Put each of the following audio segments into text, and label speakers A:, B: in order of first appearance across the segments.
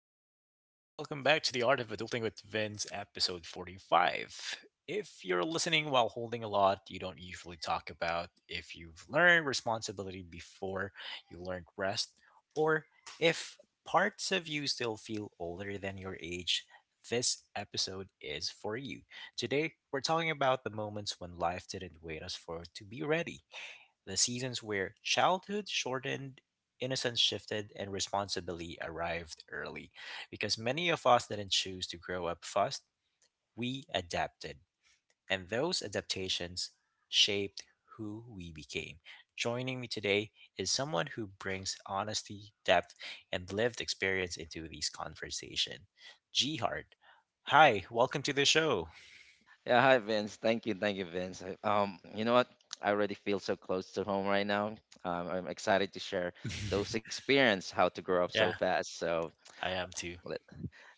A: Hello, everybody. Welcome back to the Art of Adulting with Vince, episode 45. If you're listening while holding a lot you don't usually talk about, if you've learned responsibility before you learned rest, or if parts of you still feel older than your age, this episode is for you. Today, we're talking about the moments when life didn't wait us for to be ready. The seasons where childhood shortened, innocence shifted, and responsibility arrived early. Because many of us didn't choose to grow up fast, we adapted. And those adaptations shaped who we became. Joining me today is someone who brings honesty, depth, and lived experience into these conversation. G. Hi, welcome to the show.
B: Yeah, hi Vince. Thank you, Vince. You know what? I already feel so close to home right now. I'm excited to share those experience how to grow up so
A: Yeah,
B: fast. So
A: I am too.
B: let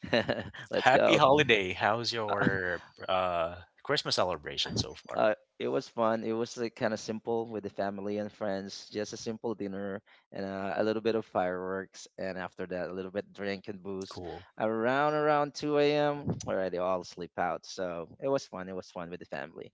B: let's
A: Happy
B: go.
A: holiday. How's your uh Christmas celebration so far?
B: It was fun. It was like, kind of simple with the family and friends. Just a simple dinner and a little bit of fireworks, and after that, a little bit drink and booze.
A: Cool.
B: Around 2 a.m. already all sleep out. So it was fun. It was fun with the family.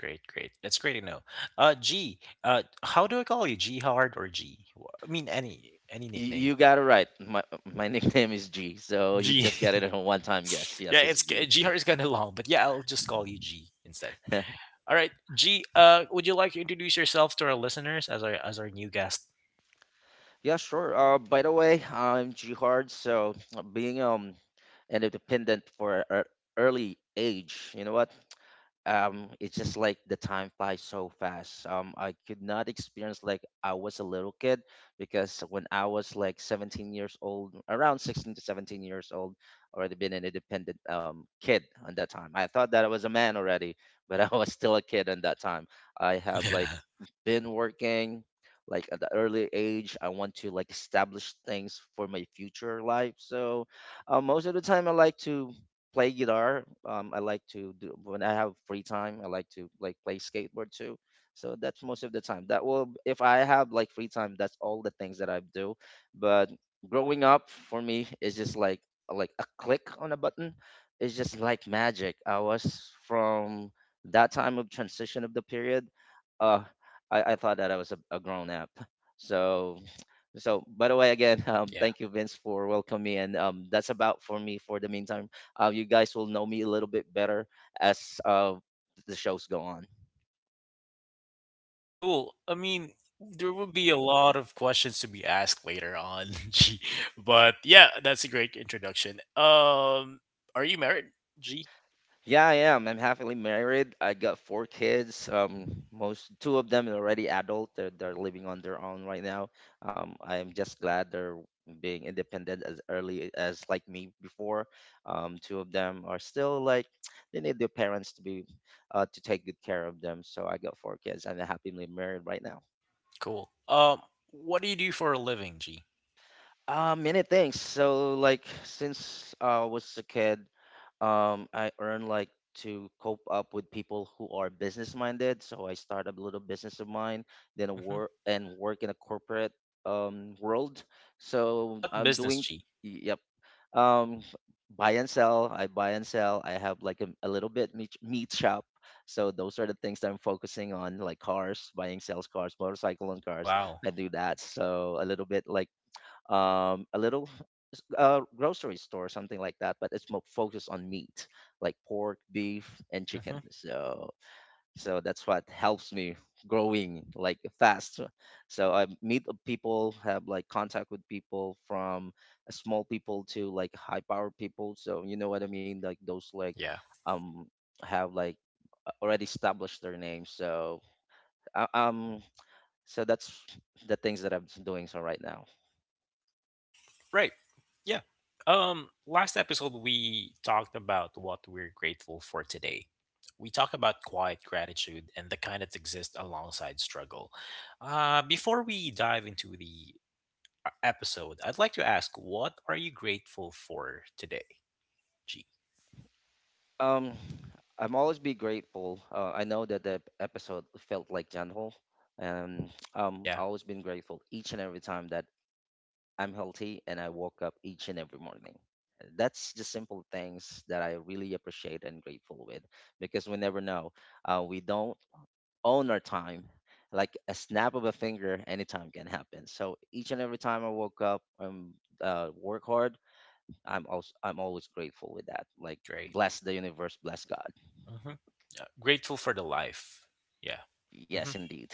A: Great, great. That's great to know. G, how do I call you? G Hard or G? I mean any
B: You,
A: nickname.
B: you got it right. My nickname is G, so you
A: G.
B: just got it in a one-time guess.
A: Yeah,
B: Yes,
A: it's
B: it's G.
A: G Hard is kind of long, but yeah, I'll just call you G instead. All right, G, would you like to introduce yourself to our listeners as our new guest?
B: Yeah, sure. By the way, I'm G hard, so being an independent for an early age, you know what? It's just like the time flies so fast. I could not experience like I was a little kid because when I was like 17 years old, around 16 to 17 years old, already been an independent kid on that time. I thought that I was a man already, but I was still a kid on that time. I have like
A: Yeah.
B: been working, like, at the early age. I want to like establish things for my future life. So most of the time I like to play guitar. I like to do when I have free time. I like to like play skateboard too. So that's most of the time. That will if I have like free time, that's all the things that I do. But growing up for me is just like a click on a button. It's just like magic. I was from that time of transition of the period. Uh, I thought that I was a grown up. So by the way again,
A: Yeah.
B: thank you Vince for welcoming me, and that's about for me for the meantime. You guys will know me a little bit better as the shows go on.
A: Cool. I mean, there will be a lot of questions to be asked later on, G. But yeah, that's a great introduction. Are you married, G?
B: Yeah, I am. I'm happily married. I got four kids. Most two of them are already adult. They're living on their own right now. I am just glad they're being independent as early as like me before. Two of them are still like they need their parents to be to take good care of them. So I got four kids. I'm happily married right now.
A: Cool. What do you do for a living, G?
B: Many things. So like since I was a kid, I earn like to cope up with people who are business minded, so I start a little business of mine, then a
A: Hmm.
B: work and work in a corporate world. So
A: What
B: I'm
A: business,
B: doing
A: G?
B: yep. um Buy and sell. I buy and sell. I have like a little bit meat shop. So those are the things that I'm focusing on, like cars, buying sales cars, motorcycle and cars.
A: Wow.
B: I do that, so a little bit like a little grocery store, something like that. But it's more focused on meat, like pork, beef, and
A: Hmm.
B: chicken. So that's what helps me growing like fast. So I meet the people, have like contact with people from small people to like high power people. So you know what I mean, like those like
A: Yeah.
B: um have like already established their name. So uh, um so that's the things that I'm doing so right now.
A: Right. Yeah. Last episode we talked about what we're grateful for today. We talk about quiet gratitude and the kind that exists alongside struggle. Before we dive into the our episode, I'd like to ask, what are you grateful for today, G?
B: Um, I'm always be grateful. I know that the episode felt like gentle, and I
A: Yeah,
B: always been grateful each and every time that I'm healthy and I woke up each and every morning. That's the simple things that I really appreciate and grateful with, because we never know. We don't own our time. Like a snap of a finger, anytime can happen. So each and every time I woke up, work hard. I'm always grateful with that. Like
A: great.
B: bless the universe, bless God.
A: Hmm. Grateful for the life. Yeah.
B: Yes,
A: Hmm.
B: indeed.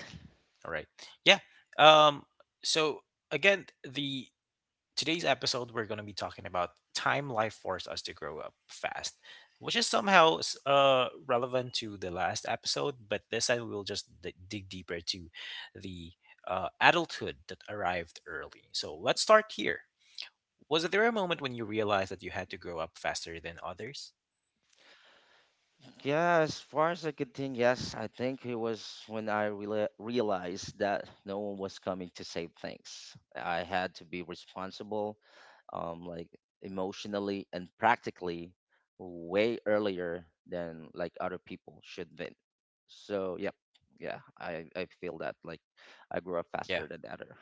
A: All right. Yeah. Um. So again, the today's episode we're going to be talking about time life forced us to grow up fast, which is somehow relevant to the last episode, but this I will just dig deeper to the adulthood that arrived early. So let's start here. Was there a moment when you realized that you had to grow up faster than others?
B: Yeah, as far as I could think, yes, I think it was when I realized that no one was coming to save things. I had to be responsible, like emotionally and practically, way earlier than like other people should be. So, yep, yeah, I feel that like I grew up
A: Yeah.
B: faster than the other.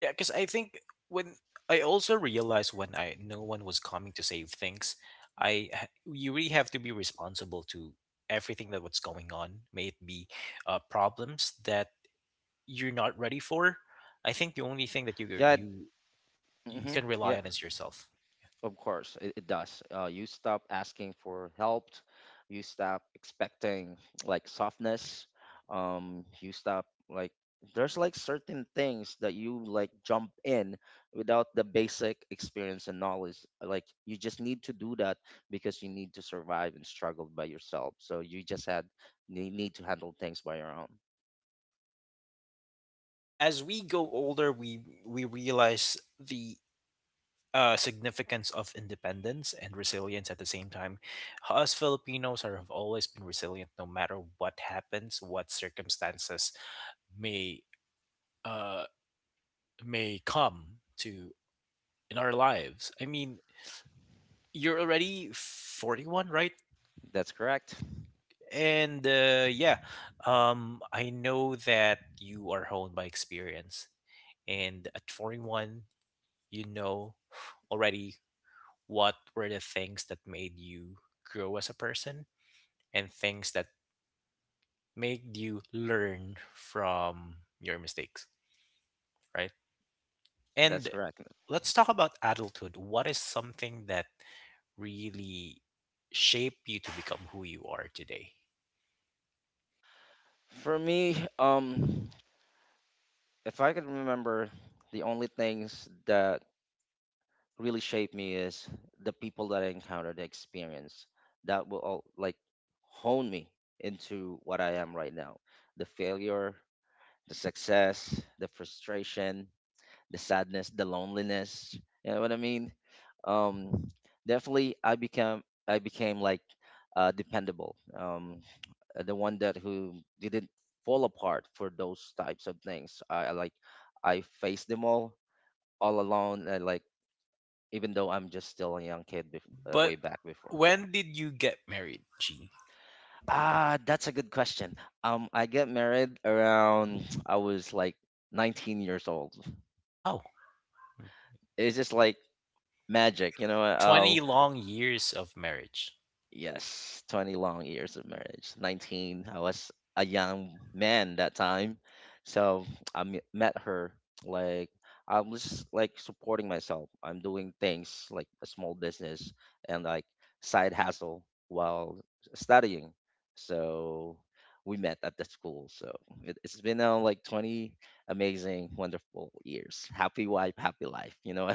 A: Yeah, because I think when I also realized when I no one was coming to save things, you really have to be responsible to everything that what's going on, may it be problems that you're not ready for. I think the only thing that you
B: Yeah,
A: you you
B: mm-hmm,
A: can
B: yeah.
A: rely on is yourself.
B: Of course, it does. You stop asking for help. You stop expecting like softness. You stop like there's like certain things that you like jump in without the basic experience and knowledge. Like you just need to do that because you need to survive and struggle by yourself. So you just had you need to handle things by your own.
A: As we go older, we realize the significance of independence and resilience at the same time. Us Filipinos are, have always been resilient, no matter what happens, what circumstances may uh, may come to in our lives. I mean, you're already 41, right?
B: That's correct.
A: And yeah, I know that you are honed by experience, and at 41, you know already what were the things that made you grow as a person and things that make you learn from your mistakes, right?
B: That's
A: And
B: correct.
A: let's talk about adulthood. What is something that really shape you to become who you are today?
B: For me, if I could remember, the only things that really shaped me is the people that I encountered, the experience that will all, like, hone me into what I am right now. The failure, the success, the frustration, the sadness, the loneliness. You know what I mean? Um, definitely, I became like, dependable. The one that who didn't fall apart for those types of things. I faced them all alone. And, like, even though I'm just still a young kid
A: But
B: way back before?
A: when did you get married, G?
B: Ah, that's a good question. I get married around I was like 19 years old.
A: Wow.
B: It's just like magic, you know.
A: 20 long years of marriage.
B: Yes, 20 long years of marriage. 19, I was a young man that time. So I met her. Like, I'm just like supporting myself. I'm doing things like a small business and like side hustle while studying. So we met at the school. So it's been now like 20 amazing, wonderful years. Happy wife, happy life, you know?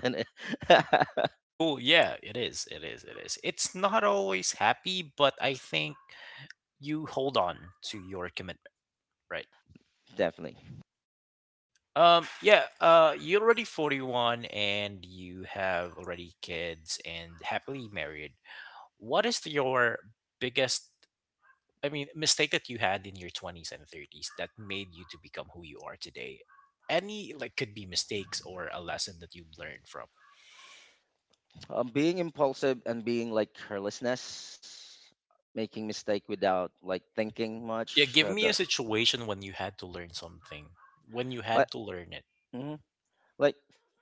A: Cool. Yeah, it is. It is. It is. It's not always happy, but I think you hold on to your commitment, right?
B: Definitely.
A: Yeah, you're already 41 and you have already kids and happily married. What is your biggest, I mean, mistake that you had in your 20s and 30s that made you to become who you are today? Any, like, could be mistakes or a lesson that you've learned from.
B: Being impulsive and being like carelessness, making mistake without like thinking
A: Yeah,
B: much. So
A: give
B: the,
A: me a situation when you had to learn something, when you
B: like,
A: had to learn it.
B: mhm. like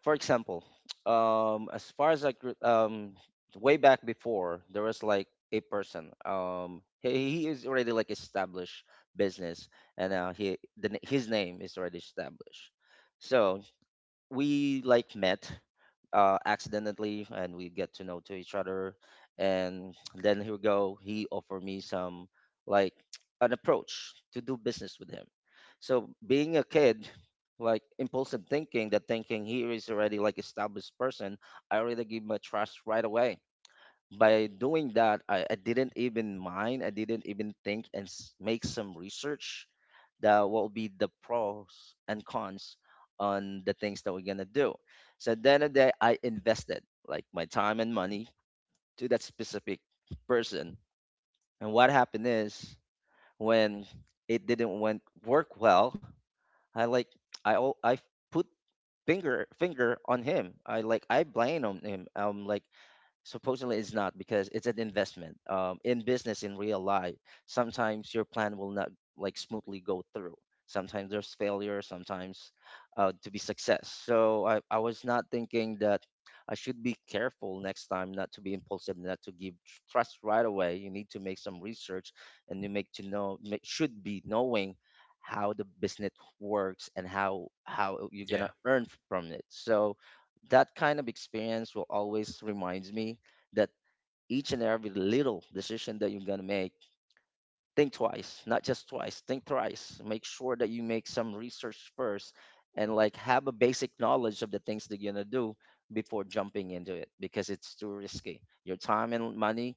B: for example, as far as like way back before, there was like a person. He is already like established business, and his name is already established. So we like met accidentally, and we get to know to each other. And then here we go, he offered me some like an approach to do business with him. So being a kid, like impulsive, thinking that thinking he is already like established person. I already give my trust right away. By doing that, I didn't even mind. I didn't even think and make some research, the what will be the pros and cons on the things that we're gonna do. So at the end of the day, I invested like my time and money to that specific person. And what happened is, when it didn't went work well, I, like, I put finger on him. I, like, I blame on him. I'm like supposedly it's not because it's an investment, in business, in real life sometimes your plan will not like smoothly go through. Sometimes there's failure, sometimes to be success. So I was not thinking that I should be careful next time, not to be impulsive, not to give trust right away. You need to make some research, and you make to know should be knowing how the business works, and how you're gonna
A: Yeah,
B: earn from it. So that kind of experience will always reminds me that each and every little decision that you're gonna make, think twice, not just twice, think thrice. Make sure that you make some research first, and like have a basic knowledge of the things that you're going to do before jumping into it, because it's too risky. Your time and money,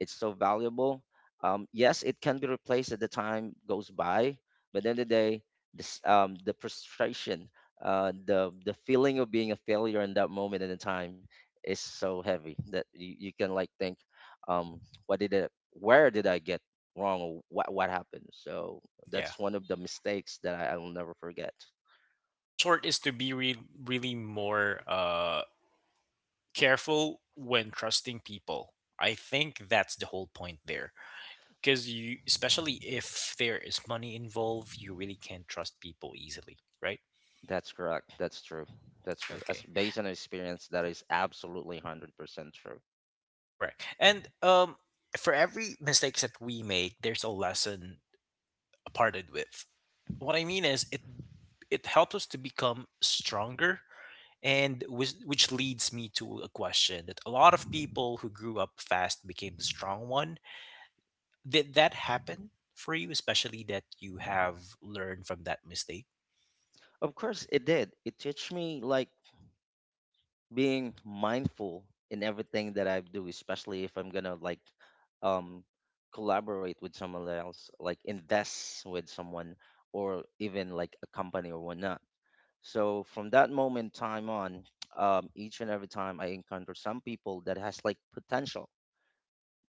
B: it's so valuable. Yes, it can be replaced as the time goes by, but at the end of the day, the frustration, the feeling of being a failure in that moment in the time is so heavy that you can like think, um, what did it where did I get wrong, or what happened. So
A: yeah.
B: that's one of the mistakes that I will never forget.
A: In short, is to be really more, careful when trusting people. I think that's the whole point there. Because you, especially if there is money involved, you really can't trust people easily, right?
B: That's correct. That's true. That's true.
A: Okay,
B: As based on experience, that is absolutely 100% true.
A: correct. And for every mistakes that we make, there's a lesson parted with. What I mean is, it helps us to become stronger, and which leads me to a question that a lot of people who grew up fast became the strong one. Did that happen for you, especially that you have learned from that mistake?
B: Of course, it did. It teach me like being mindful in everything that I do, especially if I'm gonna like um collaborate with someone else, like invest with someone, or even like a company or whatnot. So from that moment time on, each and every time I encounter some people that has like potential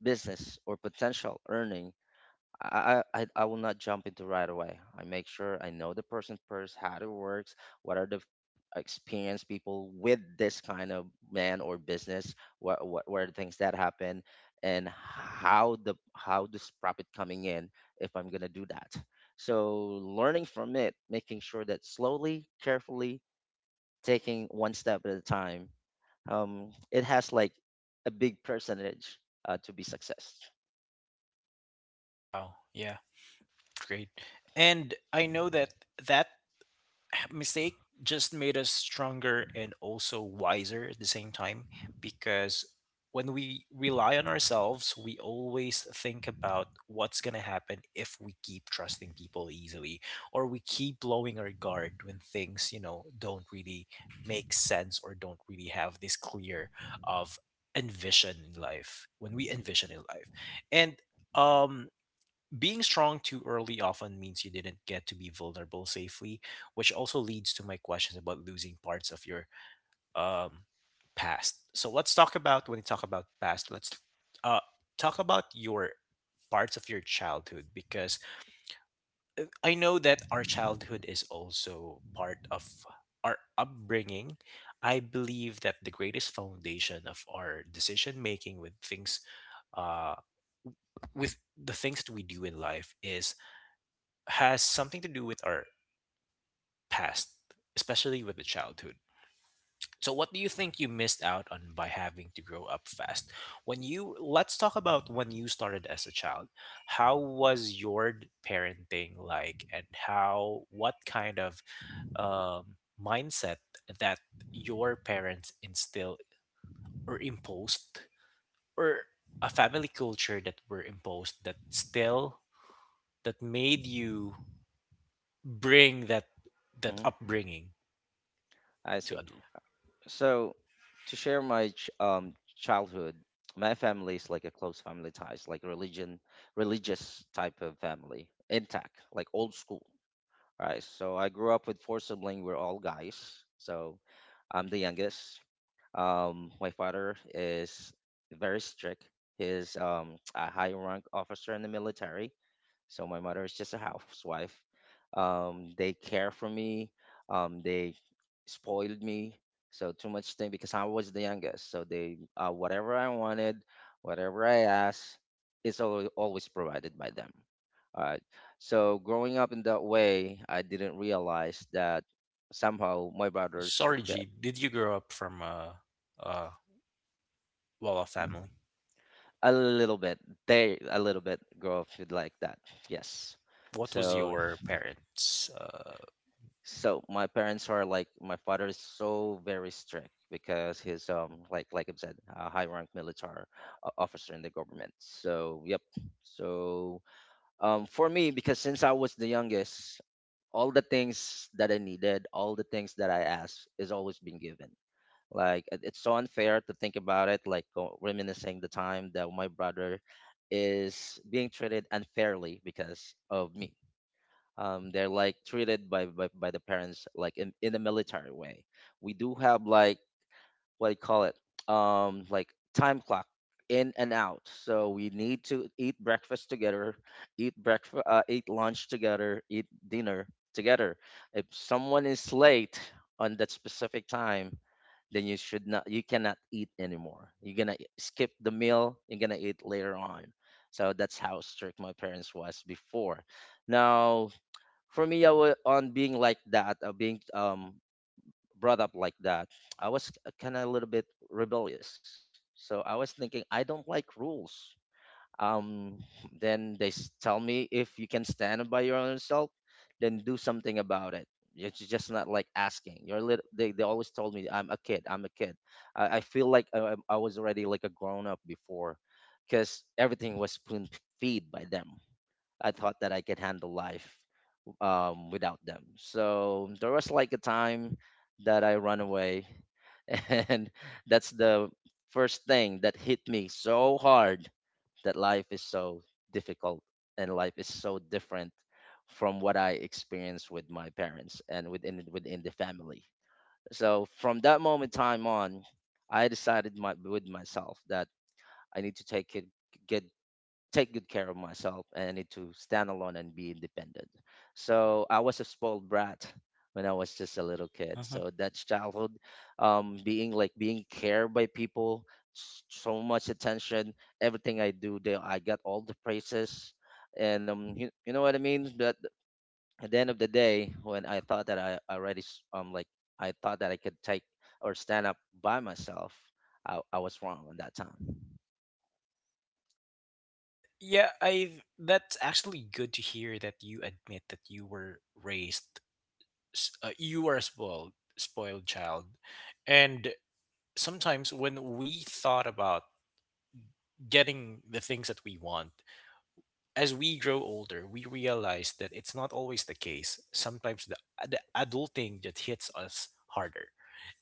B: business or potential earning, I will not jump into right away. I make sure I know the person first, how it works, what are the experienced people with this kind of man or business, what were the things that happen, and how this profit coming in if I'm gonna do that. So learning from it, making sure that slowly, carefully, taking one step at a time, it has like a big percentage to be success.
A: Wow. Yeah. Great. And I know that that mistake just made us stronger and also wiser at the same time, because when we rely on ourselves we always think about what's going to happen if we keep trusting people easily, or we keep blowing our guard when things don't really make sense or don't really have this clear of envision in life when we envision in life. And um being strong too early often means you didn't get to be vulnerable safely, which also leads to my questions about losing parts of your um, past. So let's talk about when we talk about past, let's uh, talk about your parts of your childhood, because I know that our childhood is also part of our upbringing. I believe that the greatest foundation of our decision making uh, with the things that we do in life is has something to do with our past, especially with the childhood. So, what do you think you missed out on by having to grow up fast? When you let's talk about when you started as a child. How was your parenting like, and how what kind of um, mindset that your parents instilled or imposed, or a family culture that were imposed that still that made you bring that
B: hmm
A: upbringing
B: I
A: to
B: see. So to share my childhood, my family is like a close family ties, like religion, religious type of family, intact, like old school. Right. So I grew up with four siblings. We're all guys. So I'm the youngest. My father is very strict. He's a high rank officer in the military. So my mother is just a housewife. They care for me. They spoiled me. So too much thing because I was the youngest. So they whatever I wanted, whatever I asked, it's always provided by them. Uh, so growing up in that way, I didn't realize that somehow my brothers
A: Sorry,
B: get
A: G. Did you grow up from a well-off family?
B: a little bit they a little bit grow up with like that. Yes.
A: What was
B: So
A: your parents?
B: so my parents are like my father is so very strict because he's like I said a high rank military officer in the government. So yep. So for me because since I was the youngest all the things that I needed, all the things that I asked is always been given. Like it's so unfair to think about it, like reminiscing the time that my brother is being treated unfairly because of me. They're like treated by the parents like in a military way. We do have like what do you call it? Like time clock in and out. So we need to eat breakfast together, eat breakfast, eat lunch together, eat dinner together. If someone is late on that specific time, then you should not you cannot eat anymore. You're gonna skip the meal. You're gonna eat later on. So that's how strict my parents was before. Now for me, I was on being like that, being brought up like that. I was kind of a little bit rebellious, so I was thinking I don't like rules. um then they tell me if you can stand by your own self, then do something about it. It's just not like asking. You're lit They always told me I'm a kid, I'm a kid. I feel like I was already like a grown up before because everything was spoon feed by them. I thought that I could handle life without them. So there was like a time that I run away and that's the first thing that hit me so hard, that life is so difficult and life is so different from what I experienced with my parents and within the family. So from that moment time on, I decided with myself that I need to good take good care of myself and I need to stand alone and be independent. So I was a spoiled brat when I was just a little kid.
A: Mhm.
B: So that's childhood, being like being cared by people, so much attention. Everything I do, they I got all the praises, and you know what I mean. But at the end of the day, when I thought that I already s- like I thought that I could take or stand up by myself, I was wrong on that time.
A: And yeah, I. That's actually good to hear that you admit that you were raised. You were a spoiled, spoiled child, and sometimes when we thought about getting the things that we want, as we grow older we realize that it's not always the case. Sometimes the adulting that hits us harder,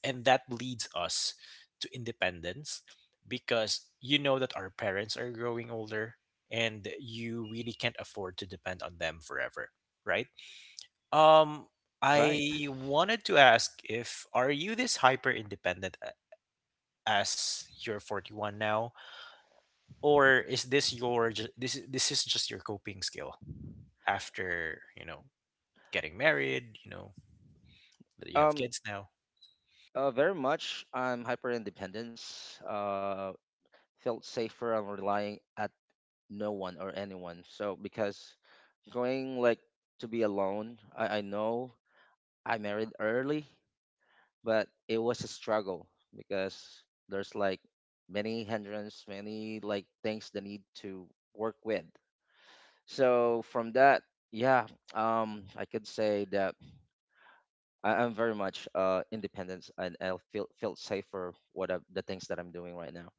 A: and that leads us to independence, because you know that our parents are growing older and you really can't afford to depend on them forever, right? um
B: Right.
A: I wanted to ask if are you this hyper independent as you're 41 now, or is this your ju- this is just your coping skill after getting married, you know that you have
B: Um.
A: kids now.
B: Very much. I'm hyper independence. Felt safer on relying at no one or anyone. So because going like to be alone, I know I married early, but it was a struggle because there's like many hindrance, many like things that need to work with. So from that, yeah, I could say that I'm very much independent and I feel safer what the things that I'm doing right now.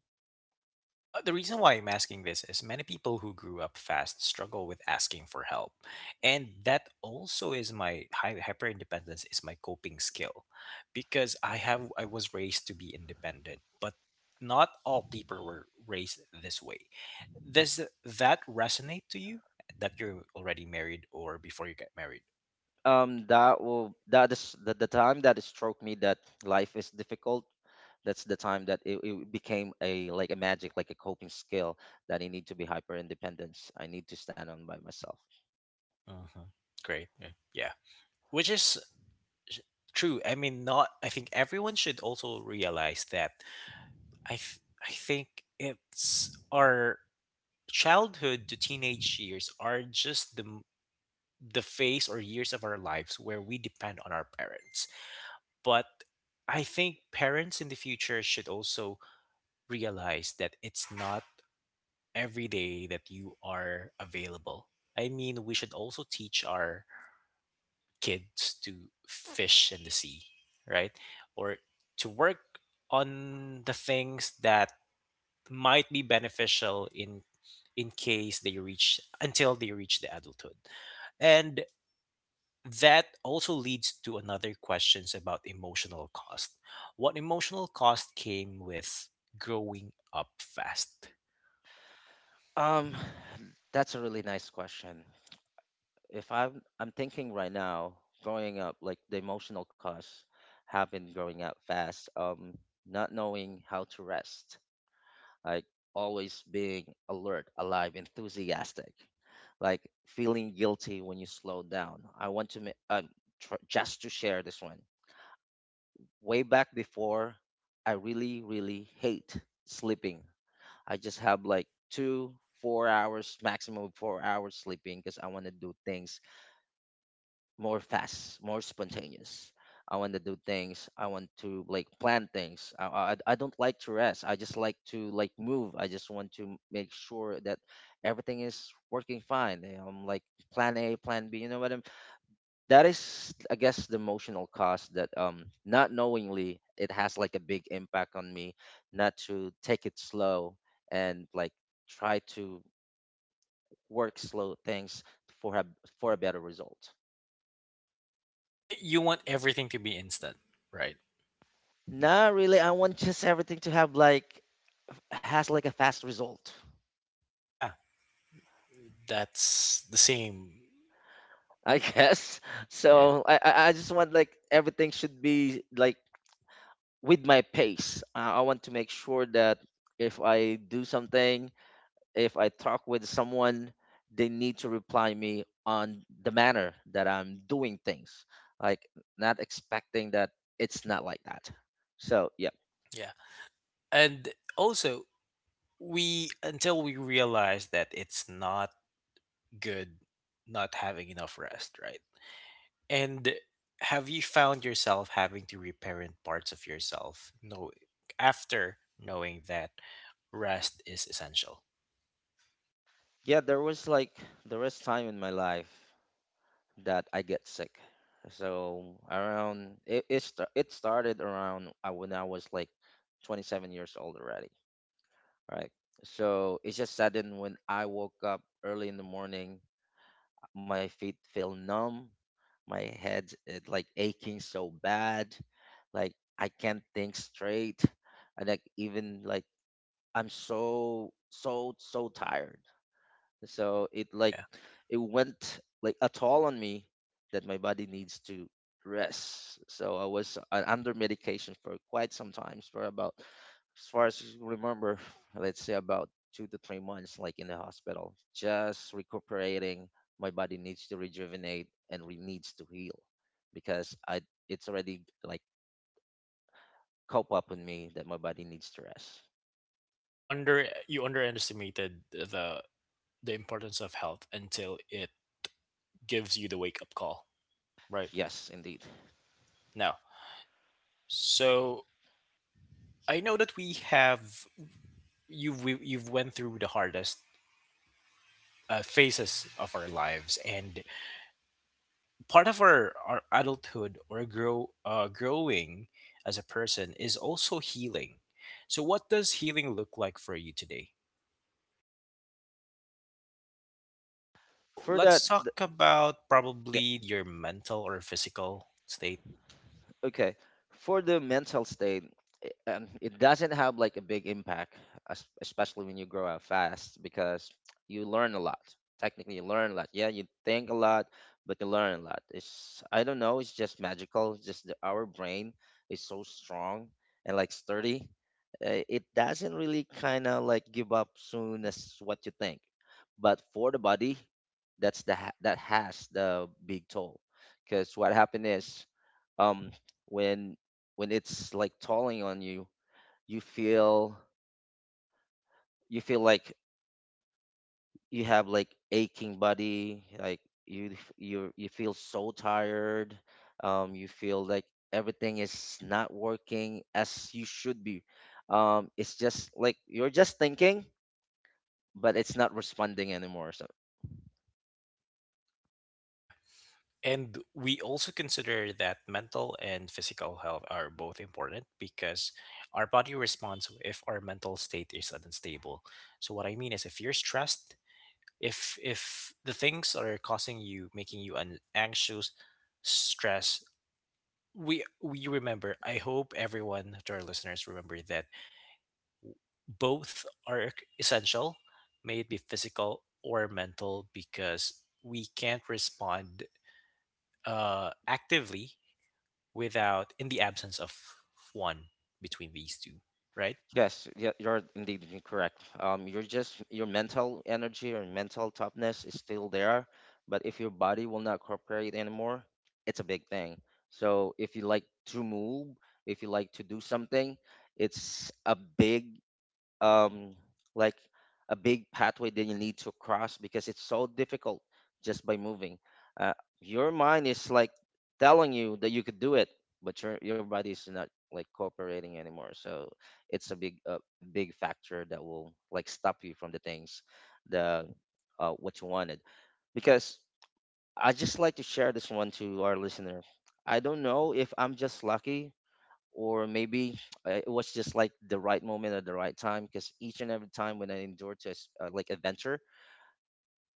A: The reason why I'm asking this is many people who grew up fast struggle with asking for help. And that also is my hyper independence is my coping skill, because I was raised to be independent, but not all people were raised this way. Does that resonate to you that you're already married or before you get married?
B: That is the time that it struck me that life is difficult. That's the time that it became a like a magic like a coping skill that I need to be hyper independence. I need to stand on by myself.
A: Mhm. Great. Yeah. Yeah. Which is sh- true. I mean, not I think everyone should also realize that I think it's our childhood to teenage years are just the phase or years of our lives where we depend on our parents. But I think parents in the future should also realize that it's not every day that you are available. I mean, we should also teach our kids to fish in the sea, right? Or to work on the things that might be beneficial in case they reach until they reach the adulthood. And that also leads to another questions about emotional cost. What emotional cost came with growing up fast?
B: um that's a really nice question. If I'm I'm thinking right now, growing up, like the emotional costs have been growing up fast. Not knowing how to rest, like always being alert, alive, enthusiastic, like feeling guilty when you slow down. I want to just to share this one. Way back before, I really, really hate sleeping. I just have like two, 4 hours, maximum 4 hours sleeping because I want to do things more fast, more spontaneous. I want to do things. I want to like plan things. I don't like to rest. I just like to like move. I just want to make sure that everything is working fine. You know, I'm like plan A, plan B. You know what I That is I guess the emotional cost that not knowingly it has like a big impact on me, not to take it slow and like try to work slow things for a better result.
A: You want everything to be instant, right?
B: Not really. I want just everything to have like has like a fast result,
A: Yeah, that's the same.
B: I guess.
A: Yeah.
B: I just want like everything should be like with my pace. I want to make sure that if I do something, if I talk with someone, they need to reply me on the manner that I'm doing things, like not expecting that. It's not like that. So yeah.
A: Yeah. And also, we until we realize that it's not good not having enough rest, right? And have you found yourself having to reparent parts of yourself no after knowing that rest is essential?
B: Yeah, there was like there was time in my life that I get sick. So around it it, sta- it started around when I was like 27 years old already, right? So it's just sudden when I woke up early in the morning. My feet feel numb. My head it like aching so bad. Like I can't think straight. And like even like I'm so so so tired, so it like
A: Yeah.
B: it went like a toll on me, that my body needs to rest. So I was under medication for quite some times for about, as far as I remember, let's say about 2 to 3 months like in the hospital just recuperating. My body needs to rejuvenate and needs to heal because I it's already like cope up with me that my body needs to rest.
A: You underestimated the importance of health until it gives you the wake up call right
B: Yes, indeed.
A: now. So I know that we have you we, you've went through the hardest phases of our lives, and part of our adulthood or growing as a person is also healing. So what does healing look like for you today? So
B: For that,
A: let's
B: yeah.
A: talk about probably your mental or physical state.
B: Okay, for the mental state, it doesn't have like a big impact, especially when you grow up fast because you learn a lot. Technically, you learn a lot. Yeah, you think a lot, but you learn a lot. It's I don't know. It's just magical. It's just our brain is so strong and like sturdy. It doesn't really kind of like give up soon as what you think. But for the body, that's the that has the big toll because what happened is. um when when it's like tolling on you, you feel you feel like you have like aching body. Like you you feel so tired. You feel like everything is not working as you should be. It's just like you're just thinking, but it's not responding anymore. So
A: Yeah. And we also consider that mental and physical health are both important, because our body responds if our mental state is unstable. So what I mean is, if you're stressed, if the things that are causing you making you an anxious stress. We remember, I hope everyone to our listeners remember that both are essential, may it be physical or mental, because we can't respond actively without in the absence of one between these two, right?
B: yes, yeah, you're indeed correct. You're just Your mental energy or mental toughness is still there, but if your body will not cooperate anymore, it's a big thing. So if you like to move, if you like to do something, it's a big um like a big pathway that you need to cross because it's so difficult just by moving. Uh, your mind is like telling you that you could do it, but your body is not like cooperating anymore. So it's a big factor that will like stop you from the things the what you wanted. Because I just like to share this one to our listener. I don't know if I'm just lucky or maybe it was just like the right moment at the right time, because each and every time when I endured to like adventure,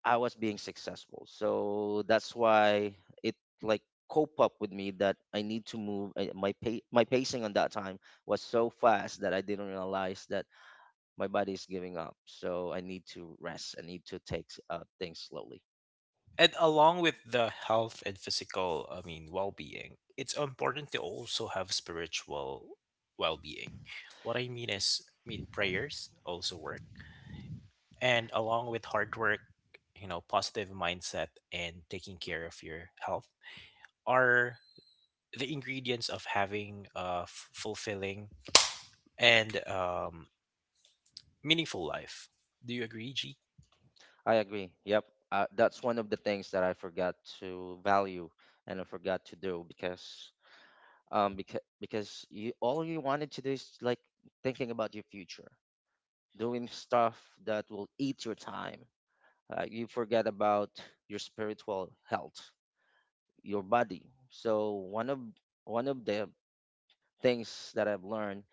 B: I was being successful. So that's why it like cope up with me that I need to move. My my pacing on that time was so fast that I didn't realize that my body is giving up. So I need to rest. I need to take things slowly.
A: And along with the health and physical, I mean, well-being, it's important to also have spiritual well-being. What I mean is, prayers also work, and along with hard work, positive mindset and taking care of your health are the ingredients of having a fulfilling and meaningful life. Do you agree, G?
B: I agree. Yep. That's one of the things that I forgot to value and I forgot to do because you all you wanted to do is like thinking about your future, doing stuff that will eat your time. You forget about your spiritual health, your body. So one of the things that I've learned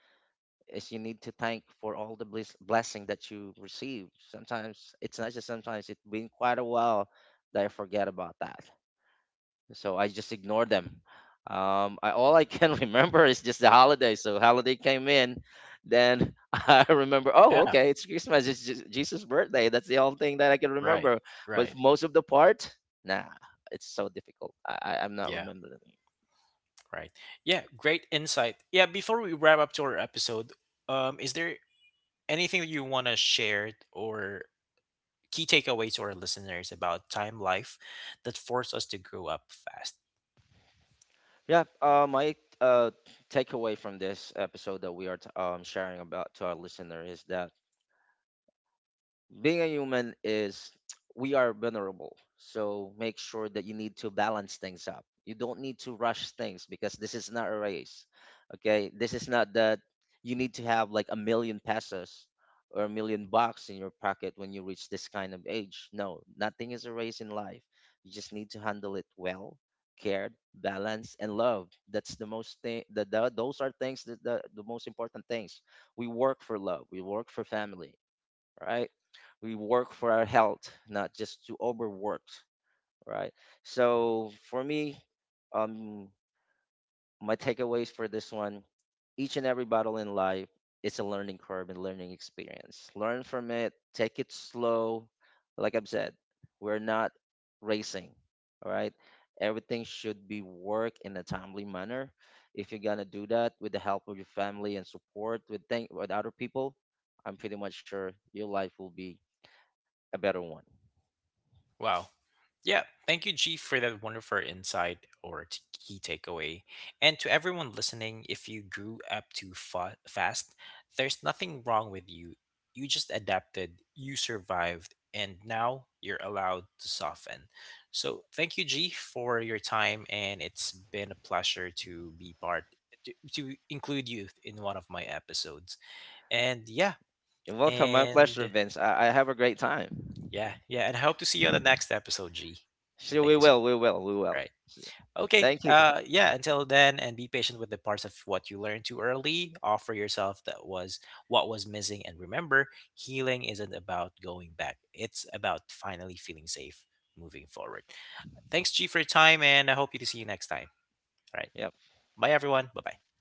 B: is you need to thank for all blessing that you receive. Sometimes it's not just sometimes it's been quite a while that I forget about that. So I just ignored them. All I can remember is just the holiday. So holiday came in, then I remember, oh,
A: Yeah.
B: okay, it's Christmas, it's just Jesus' birthday. That's the only thing that I can
A: Right.
B: remember. But
A: Right.
B: most of the part, nah, it's so difficult. I'm not
A: Yeah.
B: remembering.
A: Right. Yeah, great insight. Yeah, before we wrap up to our episode, is there anything that you want to share or key takeaway to our listeners about time life that forced us to grow up fast?
B: Yeah, my uh, takeaway from this episode that we are sharing about to our listener is that being a human is we are vulnerable. So make sure that you need to balance things up. You don't need to rush things because this is not a race. Okay, this is not that you need to have like a million pesos or a million bucks in your pocket when you reach this kind of age. No, nothing is a race in life. You just need to handle it well, cared, balanced, and love. That's the most thing that those are things that the most important things. We work for love, we work for family, right? We work for our health, not just to overwork, right? So for me, um, my takeaways for this one, each and every battle in life is a learning curve and learning experience. Learn from it, take it slow. Like I've said, we're not racing, all right? Everything should be worked in a timely manner. If you're gonna do that with the help of your family and support with thank with other people, I'm pretty much sure your life will be a better one.
A: Wow. Yeah. Thank you, G, for that wonderful insight or key takeaway. And to everyone listening, if you grew up too fast, there's nothing wrong with you. You just adapted, you survived, and now you're allowed to soften. So thank you, G, for your time. And it's been a pleasure to be part, to include you in one of my episodes. And yeah.
B: And welcome, my
A: And
B: pleasure, Vince. I have a great time.
A: yeah. Yeah. And I hope to see you on the next episode, G. And
B: Sure,
A: thank
B: we
A: you so.
B: will, we will.
A: Right. Okay.
B: Thank you.
A: Yeah. Until then, and be patient with the parts of what you learned too early. Offer yourself that was what was missing, and remember, healing isn't about going back. It's about finally feeling safe moving forward. Thanks, G, for your time, and I hope you to see you next time. All right.
B: Yeah.
A: Bye, everyone. Bye bye.